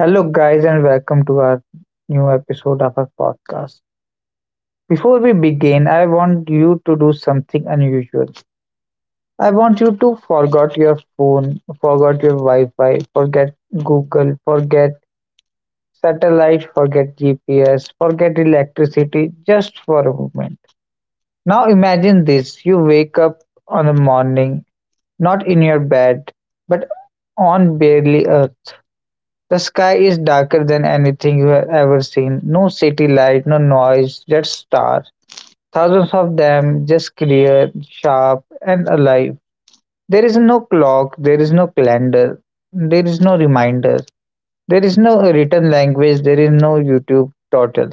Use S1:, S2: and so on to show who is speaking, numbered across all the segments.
S1: Hello, guys, and welcome to our new episode of our podcast. Before we begin, I want you to do something unusual. I want you to forget your phone, forget your Wi Fi, forget Google, forget satellite, forget GPS, forget electricity just for a moment. Now imagine this, you wake up on the morning, not in your bed, but on barely a. The sky is darker than anything you have ever seen. No city light, no noise, just stars. Thousands of them, just clear, sharp, and alive. There is no clock, there is no calendar, there is no reminder, there is no written language, there is no YouTube total.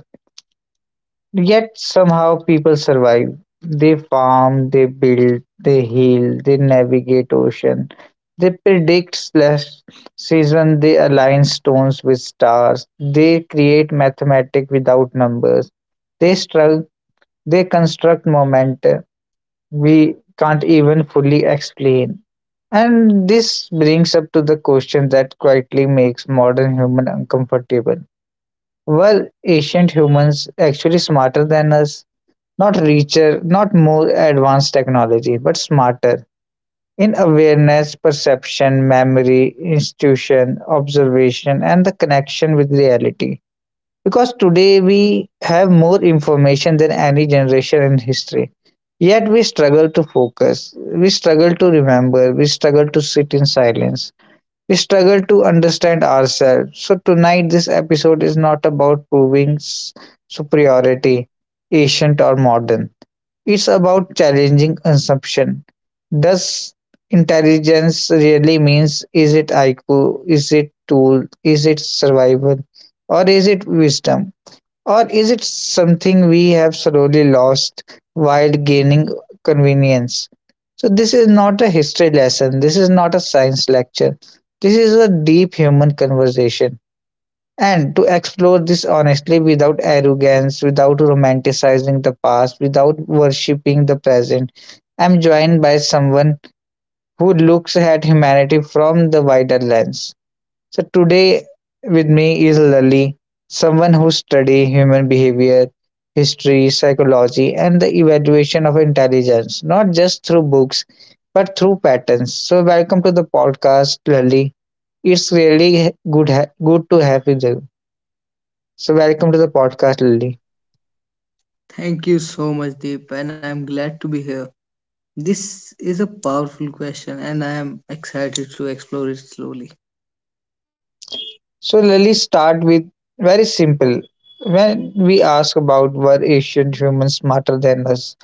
S1: Yet somehow people survive. They farm, they build, they heal, they navigate ocean, they predict slash season, they align stones with stars, they create mathematics without numbers, they struggle, they construct momentum we can't even fully explain. And this brings up to the question that quietly makes modern human uncomfortable. Were ancient humans actually smarter than us? Not richer, not more advanced technology, but smarter in awareness, perception, memory, institution, observation, and the connection with reality. Because today we have more information than any generation in history. Yet we struggle to focus, we struggle to remember, we struggle to sit in silence, we struggle to understand ourselves. So, tonight, this episode is not about proving superiority, ancient or modern. It's about challenging assumption. Does intelligence really means, is it IQ? Is it tool? Is it survival? Or is it wisdom? Or is it something we have slowly lost while gaining convenience? So this is not a history lesson. This is not a science lecture. This is a deep human conversation, and to explore this honestly without arrogance, without romanticizing the past, without worshipping the present. I'm joined by someone who looks at humanity from the wider lens. So today with me is Lali, someone who studies human behavior, history, psychology, and the evaluation of intelligence, not just through books, but through patterns. So welcome to the podcast, Lali. It's really good to have you there. So welcome to the podcast, Lily.
S2: Thank you so much, Deep, and I'm glad to be here. This is a powerful question, and I am excited to explore it slowly.
S1: So Lily, start with very simple. When we ask about were ancient humans smarter than us,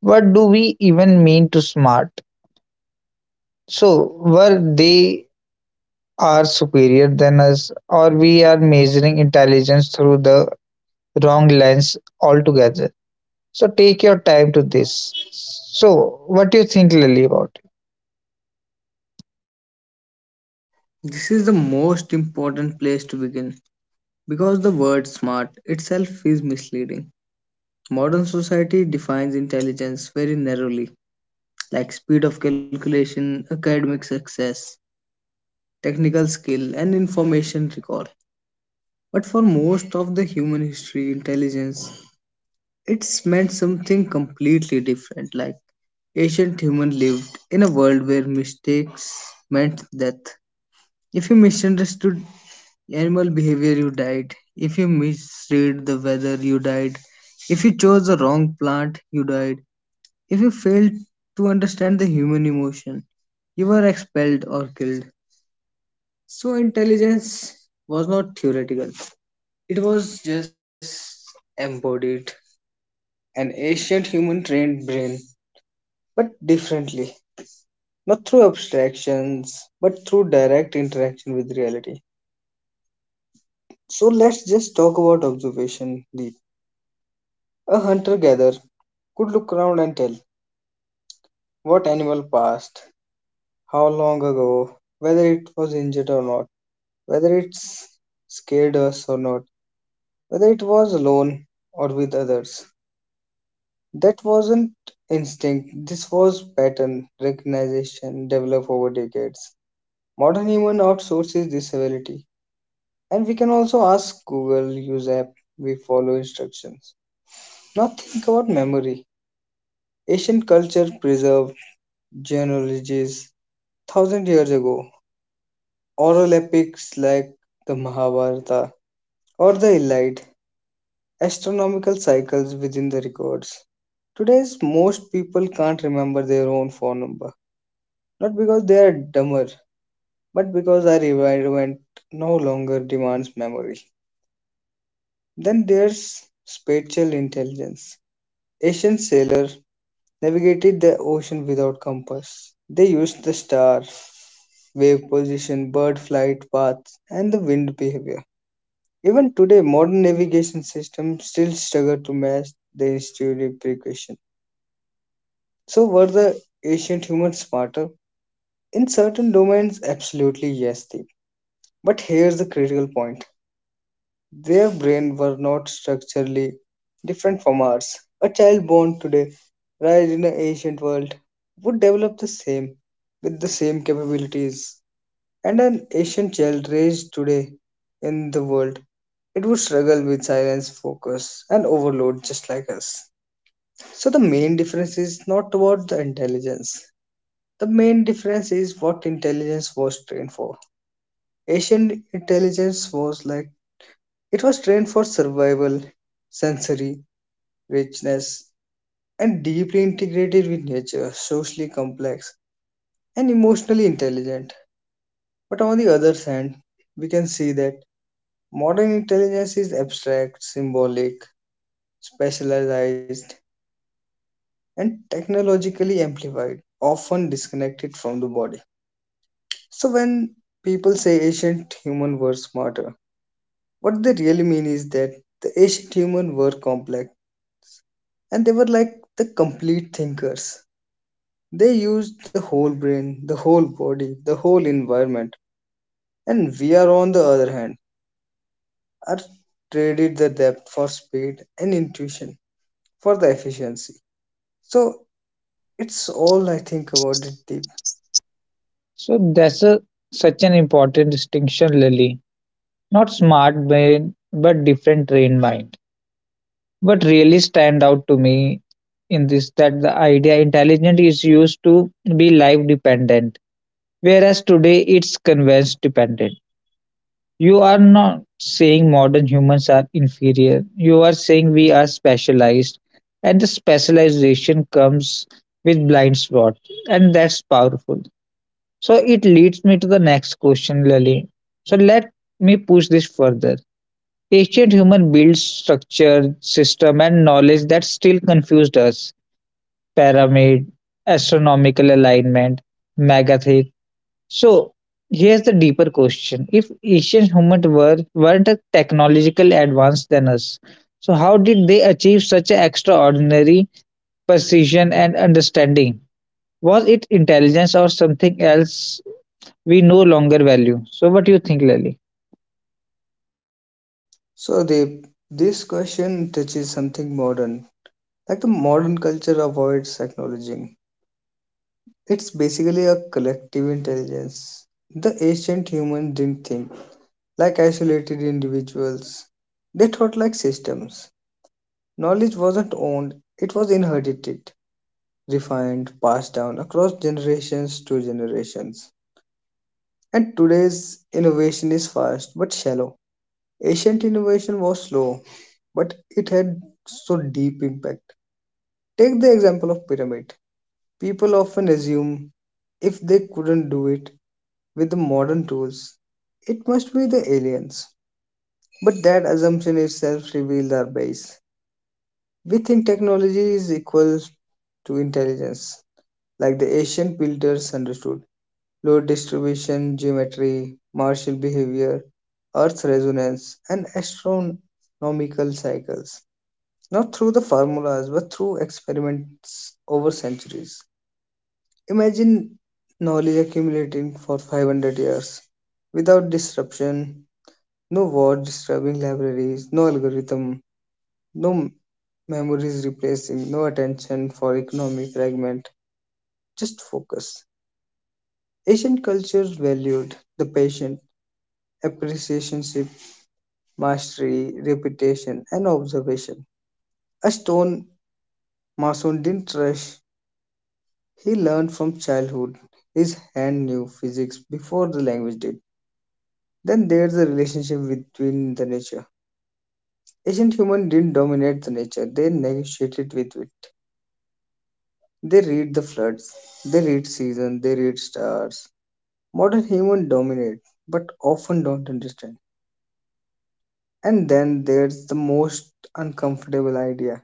S1: what do we even mean to smart? So were they are superior than us, or we are measuring intelligence through the wrong lens altogether? So take your time to this. So what do you think, Lily, about it?
S2: This is the most important place to begin because the word smart itself is misleading. Modern society defines intelligence very narrowly, like speed of calculation, academic success, technical skill, and information recall. But for most of the human history, intelligence it's meant something completely different. Like ancient human lived in a world where mistakes meant death. If you misunderstood animal behavior, you died. If you misread the weather, you died. If you chose the wrong plant, you died. If you failed to understand the human emotion, you were expelled or killed. So intelligence was not theoretical. It was just embodied. An ancient human trained brain but differently. Not through abstractions, but through direct interaction with reality. So let's just talk about observation, deep. A hunter gatherer could look around and tell what animal passed, how long ago, whether it was injured or not, whether it scared us or not, whether it was alone or with others. That wasn't instinct, this was pattern recognition developed over decades. Modern human outsources this ability. And we can also ask Google, use app, we follow instructions. Now think about memory. Ancient culture preserved genealogies thousand years ago. Oral epics like the Mahabharata or the Iliad, astronomical cycles within the records. Today's most people can't remember their own phone number, not because they are dumber, but because our environment no longer demands memory. Then there's spatial intelligence. Ancient sailors navigated the ocean without compass. They used the star, wave position, bird flight paths, and the wind behavior. Even today, modern navigation systems still struggle to match the intuitive precaution. So, were the ancient humans smarter? In certain domains, absolutely yes, Deep. But here's the critical point. Their brains were not structurally different from ours. A child born today, raised in an ancient world, would develop the same with the same capabilities. And an ancient child raised today in the world, it would struggle with silence, focus, and overload just like us. So the main difference is not about the intelligence. The main difference is what intelligence was trained for. Ancient intelligence was like it was trained for survival, sensory richness, and deeply integrated with nature, socially complex, and emotionally intelligent. But on the other hand, we can see that modern intelligence is abstract, symbolic, specialized, and technologically amplified, often disconnected from the body. So, when people say ancient humans were smarter, what they really mean is that the ancient humans were complex and they were like the complete thinkers. They used the whole brain, the whole body, the whole environment, and we are, on the other hand, are traded the depth for speed and intuition for the efficiency. So it's all I think about it, Deep.
S1: So that's a such an important distinction, Lily. Not smart brain, but different trained mind. What really stand out to me in this that the idea intelligent is used to be life dependent, whereas today it's convenience dependent. You are not saying modern humans are inferior. You are saying we are specialized, and the specialization comes with blind spot, and that's powerful. So it leads me to the next question, Lali. So let me push this further. Ancient human built structure, system, and knowledge that still confused us. Pyramid, astronomical alignment, megathic. So here's the deeper question: if ancient humans were weren't technologically advanced than us, so how did they achieve such an extraordinary precision and understanding? Was it intelligence or something else we no longer value? So what do you think, Lily?
S2: So Deep, this question touches something modern, like the modern culture avoids acknowledging. It's basically a collective intelligence. The ancient human didn't think like isolated individuals. They thought like systems. Knowledge wasn't owned, it was inherited, refined, passed down across generations to generations. And today's innovation is fast but shallow. Ancient innovation was slow, but it had so deep impact. Take the example of pyramid. People often assume if they couldn't do it with the modern tools, it must be the aliens. But that assumption itself reveals our base. We think technology is equal to intelligence, like the ancient builders understood load distribution, geometry, martial behavior, earth resonance, and astronomical cycles, not through the formulas but through experiments over centuries. Imagine knowledge accumulating for 500 years without disruption, no war disturbing libraries, no algorithm, no memories replacing, no attention for economy fragment, just focus. Asian cultures valued the patient, appreciationship, mastery, reputation, and observation. A stone mason didn't rush. He learned from childhood. His hand knew physics before the language did. Then there's a relationship between the nature. Ancient humans didn't dominate the nature, they negotiated with it. They read the floods, they read seasons, they read stars. Modern humans dominate, but often don't understand. And then there's the most uncomfortable idea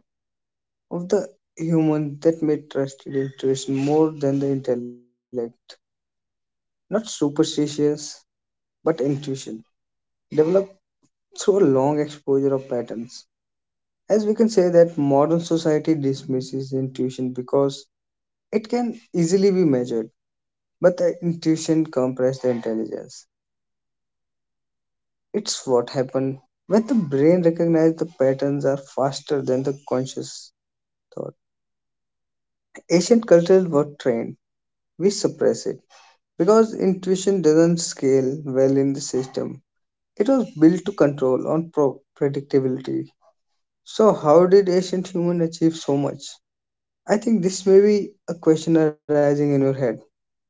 S2: of the human that may trust in intuition more than the intellect. Not superstitions, but intuition, developed through a long exposure of patterns. As we can say that modern society dismisses intuition because it can easily be measured, but the intuition comprehends the intelligence. It's what happens when the brain recognizes the patterns are faster than the conscious thought. Ancient cultures were trained. We suppress it because intuition doesn't scale well in the system. It was built to control on predictability. So, how did ancient humans achieve so much? I think this may be a question arising in your head.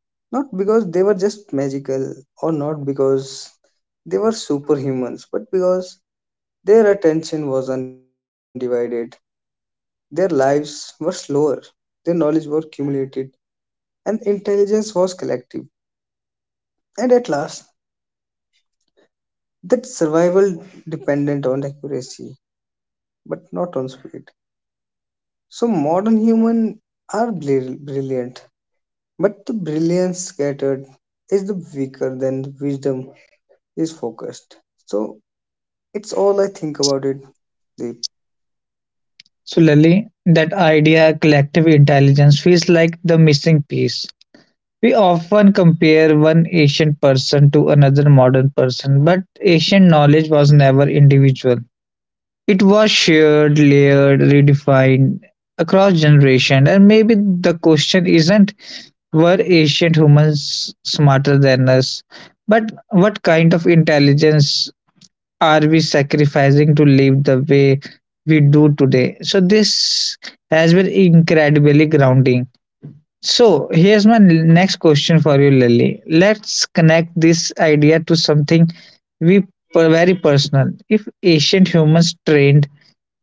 S2: Not because they were just magical or not because they were superhumans, but because their attention was undivided. Their lives were slower, their knowledge was accumulated, and intelligence was collective. And at last, that survival depended on accuracy, but not on speed. So modern humans are brilliant, but the brilliance scattered is the weaker than the wisdom is focused. So it's all I think about it, Deep.
S1: Similarly, that idea collective intelligence feels like the missing piece. We often compare one ancient person to another modern person, but ancient knowledge was never individual. It was shared, layered, redefined across generations, and maybe the question isn't were ancient humans smarter than us, but what kind of intelligence are we sacrificing to live the way we do today? So this has been incredibly grounding. So here's my next question for you, Lily. Let's connect this idea to something we very personal. If ancient humans trained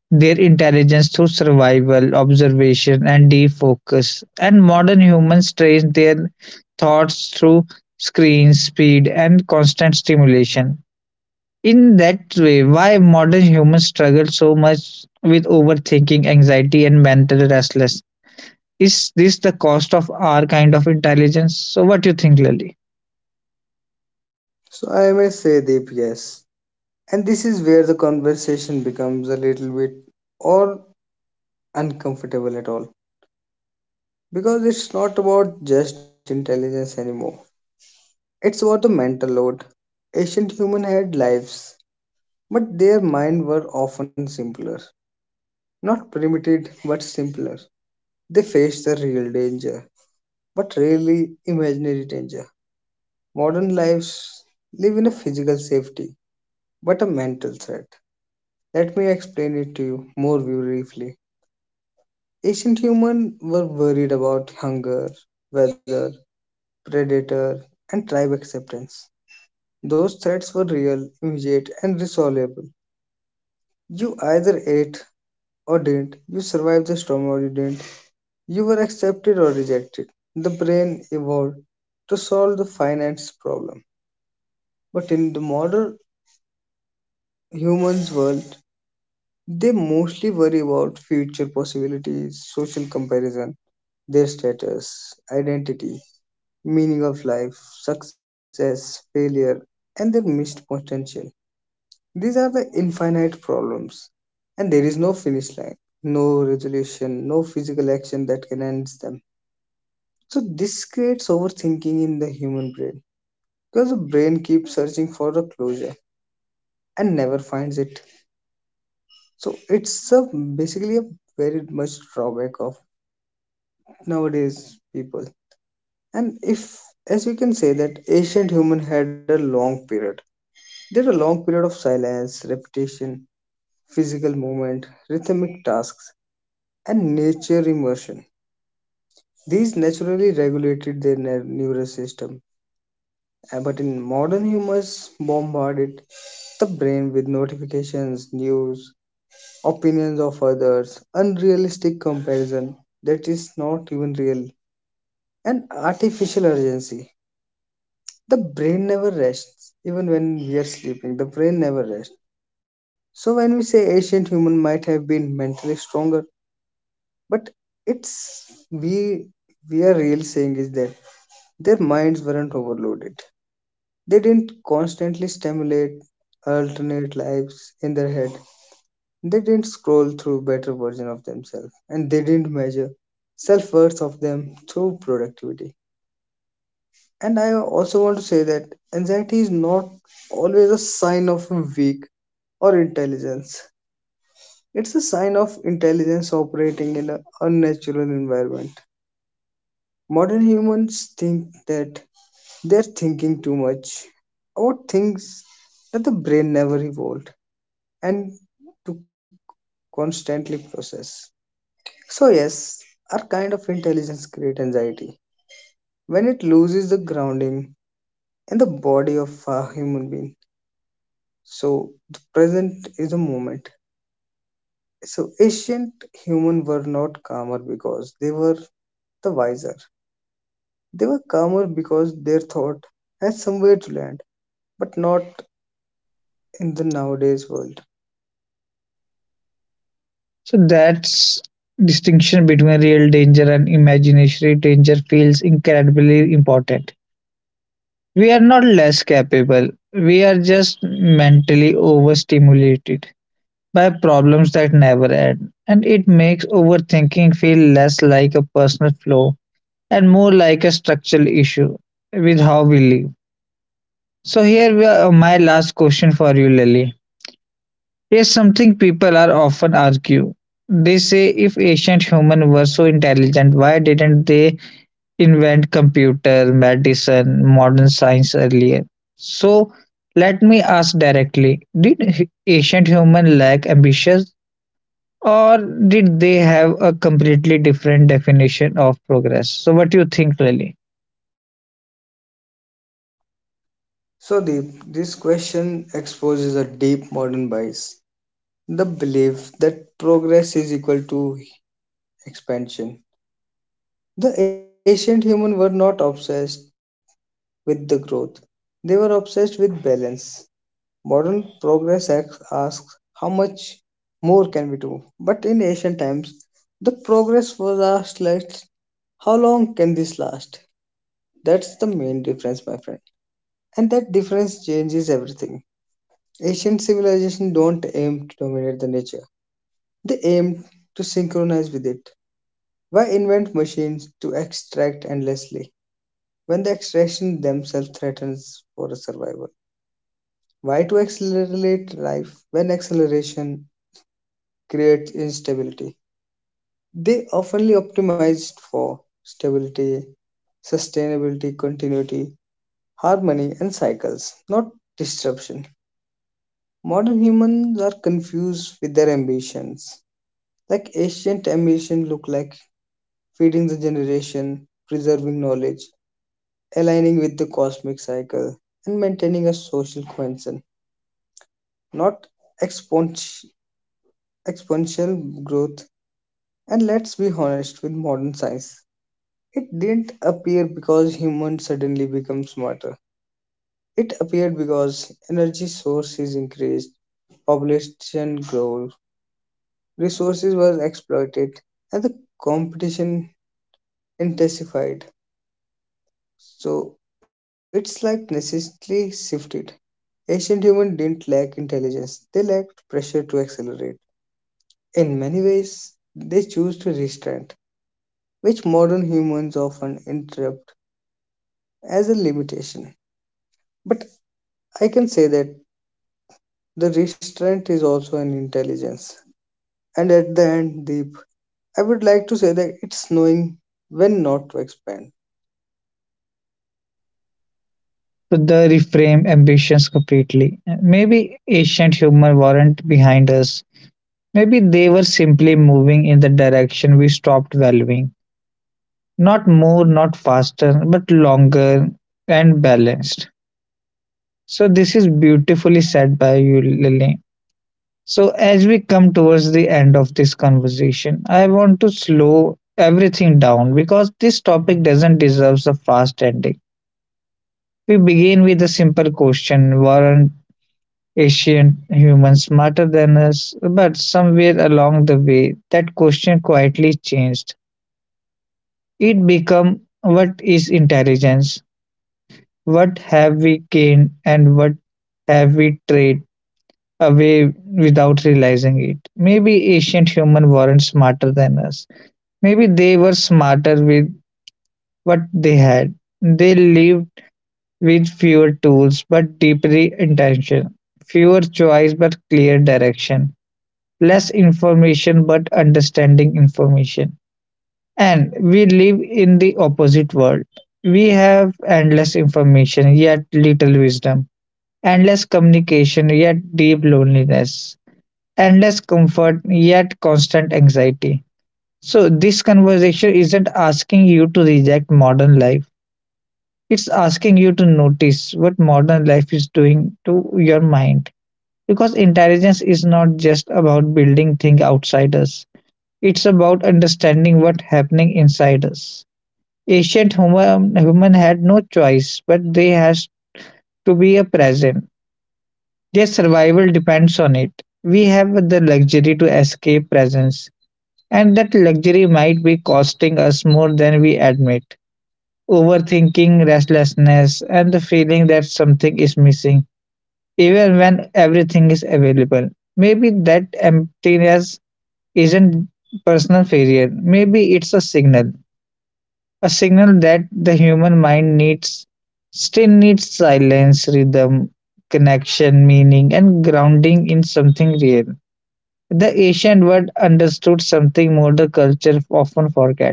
S1: their intelligence through survival, observation, and deep focus, and modern humans train their thoughts through screens, speed, and constant stimulation in that way, why modern humans struggle so much with overthinking, anxiety, and mental restlessness? Is this the cost of our kind of intelligence? So, what do you think, Lily?
S2: So I may say Deep, yes. And this is where the conversation becomes a little bit or uncomfortable at all because it's not about just intelligence anymore. It's about the mental load. Ancient human had lives, but their mind were often simpler. Not primitive, but simpler. They faced the real danger, but rarely imaginary danger. Modern lives live in a physical safety, but a mental threat. Let me explain it to you more briefly. Ancient humans were worried about hunger, weather, predator, and tribe acceptance. Those threats were real, immediate, and resolvable. You either ate or didn't, you survived the storm or you didn't, you were accepted or rejected. The brain evolved to solve the finance problem. But in the modern humans world, they mostly worry about future possibilities, social comparison, their status, identity, meaning of life, success, failure, and their missed potential. These are the infinite problems, and there is no finish line, no resolution, no physical action that can end them. So, this creates overthinking in the human brain because the brain keeps searching for the closure and never finds it. So, it's a, basically a very much drawback of nowadays people. And if, as we can say, that ancient human had a long period, there a long period of silence, repetition, physical movement, rhythmic tasks and nature immersion. These naturally regulated their nervous system. But in modern humans bombarded the brain with notifications, news, opinions of others, unrealistic comparison that is not even real, and artificial urgency. The brain never rests, even when we are sleeping, the brain never rests. So when we say ancient human might have been mentally stronger, but it's we we are really saying is that their minds weren't overloaded. They didn't constantly stimulate alternate lives in their head. They didn't scroll through better version of themselves and they didn't measure self-worth of them through productivity. And I also want to say that anxiety is not always a sign of weak or intelligence. It's a sign of intelligence operating in an unnatural environment. Modern humans think that they're thinking too much about things that the brain never evolved and to constantly process. So, yes, our kind of intelligence creates anxiety when it loses the grounding in the body of a human being. So, the present is the moment. So, ancient humans were not calmer because they were the wiser. They were calmer because their thought had somewhere to land, but not in the nowadays world.
S1: So that's distinction between real danger and imaginary danger feels incredibly important. We are not less capable. We are just mentally overstimulated by problems that never end, and it makes overthinking feel less like a personal flaw and more like a structural issue with how we live. So here we are, my last question for you, Lily. Here's something people are often argue. They say if ancient humans were so intelligent, why didn't they invent computer, medicine, modern science earlier? So let me ask directly: did ancient human lack ambition, or did they have a completely different definition of progress? So what do you think, Lily?
S2: So, Deep, this question exposes a deep modern bias, the belief that progress is equal to expansion. The ancient humans were not obsessed with the growth, they were obsessed with balance. Modern progress asks how much more can we do? But in ancient times, the progress was asked like how long can this last? That's the main difference, my friend. And that difference changes everything. Ancient civilizations don't aim to dominate the nature. They aim to synchronize with it. Why invent machines to extract endlessly when the extraction themselves threatens for survival? Why to accelerate life when acceleration creates instability? They oftenly optimized for stability, sustainability, continuity, harmony, and cycles, not disruption. Modern humans are confused with their ambitions. Like ancient ambition look like feeding the generation, preserving knowledge, aligning with the cosmic cycle, and maintaining a social cohesion, not exponential, exponential growth. And let's be honest with modern science. It didn't appear because humans suddenly become smarter. It appeared because energy source is increased, population grew, resources were exploited, and the competition intensified. So it's like necessarily shifted. Ancient humans didn't lack intelligence, they lacked pressure to accelerate. In many ways, they choose to restraint, which modern humans often interpret as a limitation. But I can say that the restraint is also an intelligence. And at the end, Deep, I would like to say that it's knowing when not to expand.
S1: To the reframe ambitions completely. Maybe ancient humor weren't behind us. Maybe they were simply moving in the direction we stopped valuing. Not more, not faster, but longer and balanced. So this is beautifully said by you, Lily. So as we come towards the end of this conversation, I want to slow everything down because this topic doesn't deserve a fast ending. We begin with a simple question: weren't ancient humans smarter than us, but somewhere along the way, that question quietly changed. It became, what is intelligence? What have we gained and what have we traded away without realizing it? Maybe ancient humans weren't smarter than us. Maybe they were smarter with what they had. They lived with fewer tools but deeply intention, fewer choice but clear direction, less information but understanding information. And we live in the opposite world. We have endless information, yet little wisdom, endless communication, yet deep loneliness, endless comfort, yet constant anxiety. So, this conversation isn't asking you to reject modern life, it's asking you to notice what modern life is doing to your mind. Because intelligence is not just about building things outside us. It's about understanding what's happening inside us. Ancient human had no choice, but they has to be a present. Their survival depends on it. We have the luxury to escape presence, and that luxury might be costing us more than we admit. Overthinking, restlessness, and the feeling that something is missing, even when everything is available. Maybe that emptiness isn't personal failure. Maybe it's a signal, a signal that the human mind needs still needs silence, rhythm, connection, meaning, and grounding in something real. The ancient world understood something modern culture often forget.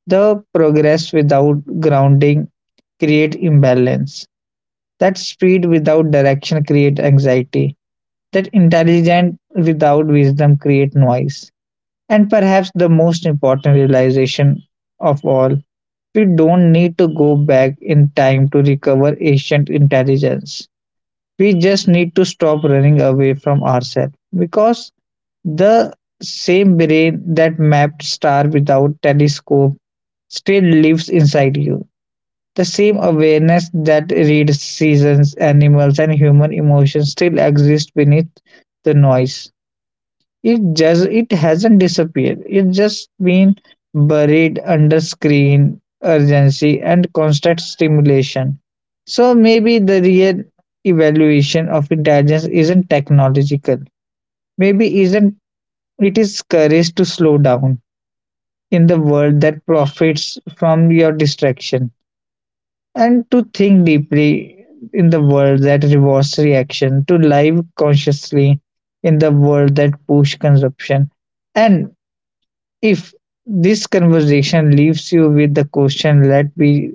S1: The progress without grounding create imbalance. That speed without direction create anxiety. That intelligence without wisdom create noise. And perhaps the most important realization of all, we don't need to go back in time to recover ancient intelligence. We just need to stop running away from ourselves, because the same brain that mapped star without telescope still lives inside you. The same awareness that reads seasons, animals, and human emotions still exists beneath the noise. It just it hasn't disappeared, it's just been buried under screen, urgency and constant stimulation. So maybe the real evaluation of intelligence isn't technological, maybe isn't, it is courage to slow down in the world that profits from your distraction, and to think deeply in the world that rewards reaction, to live consciously in the world that push consumption. And If this conversation leaves you with the question, let me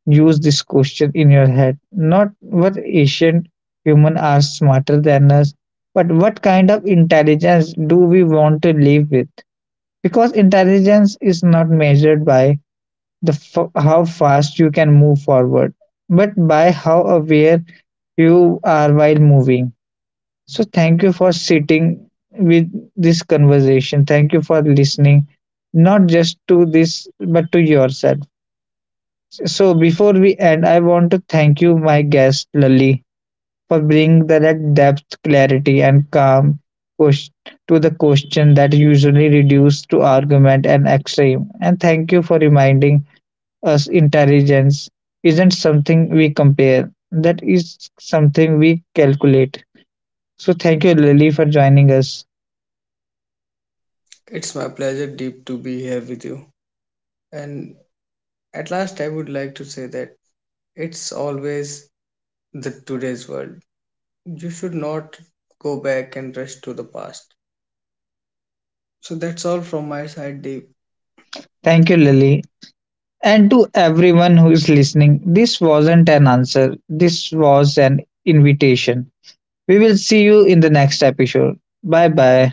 S1: use this question in your head. Not what ancient humans are smarter than us, but what kind of intelligence do we want to live with? Because intelligence is not measured by how fast you can move forward, but by how aware you are while moving. So thank you for sitting with this conversation. Thank you for listening, not just to this, but to yourself. So before we end, I want to thank you, my guest Lali, for bringing that depth, clarity, and calm ques- to the question that usually reduced to argument and extreme. And thank you for reminding us intelligence isn't something we compare. That is something we calculate. So thank you, Lily, for joining us.
S2: It's my pleasure, Deep, to be here with you. And at last, I would like to say that it's always the today's world. You should not go back and rush to the past. So that's all from my side, Deep.
S1: Thank you, Lily. And to everyone who is listening, this wasn't an answer, this was an invitation. We will see you in the next episode. Bye bye.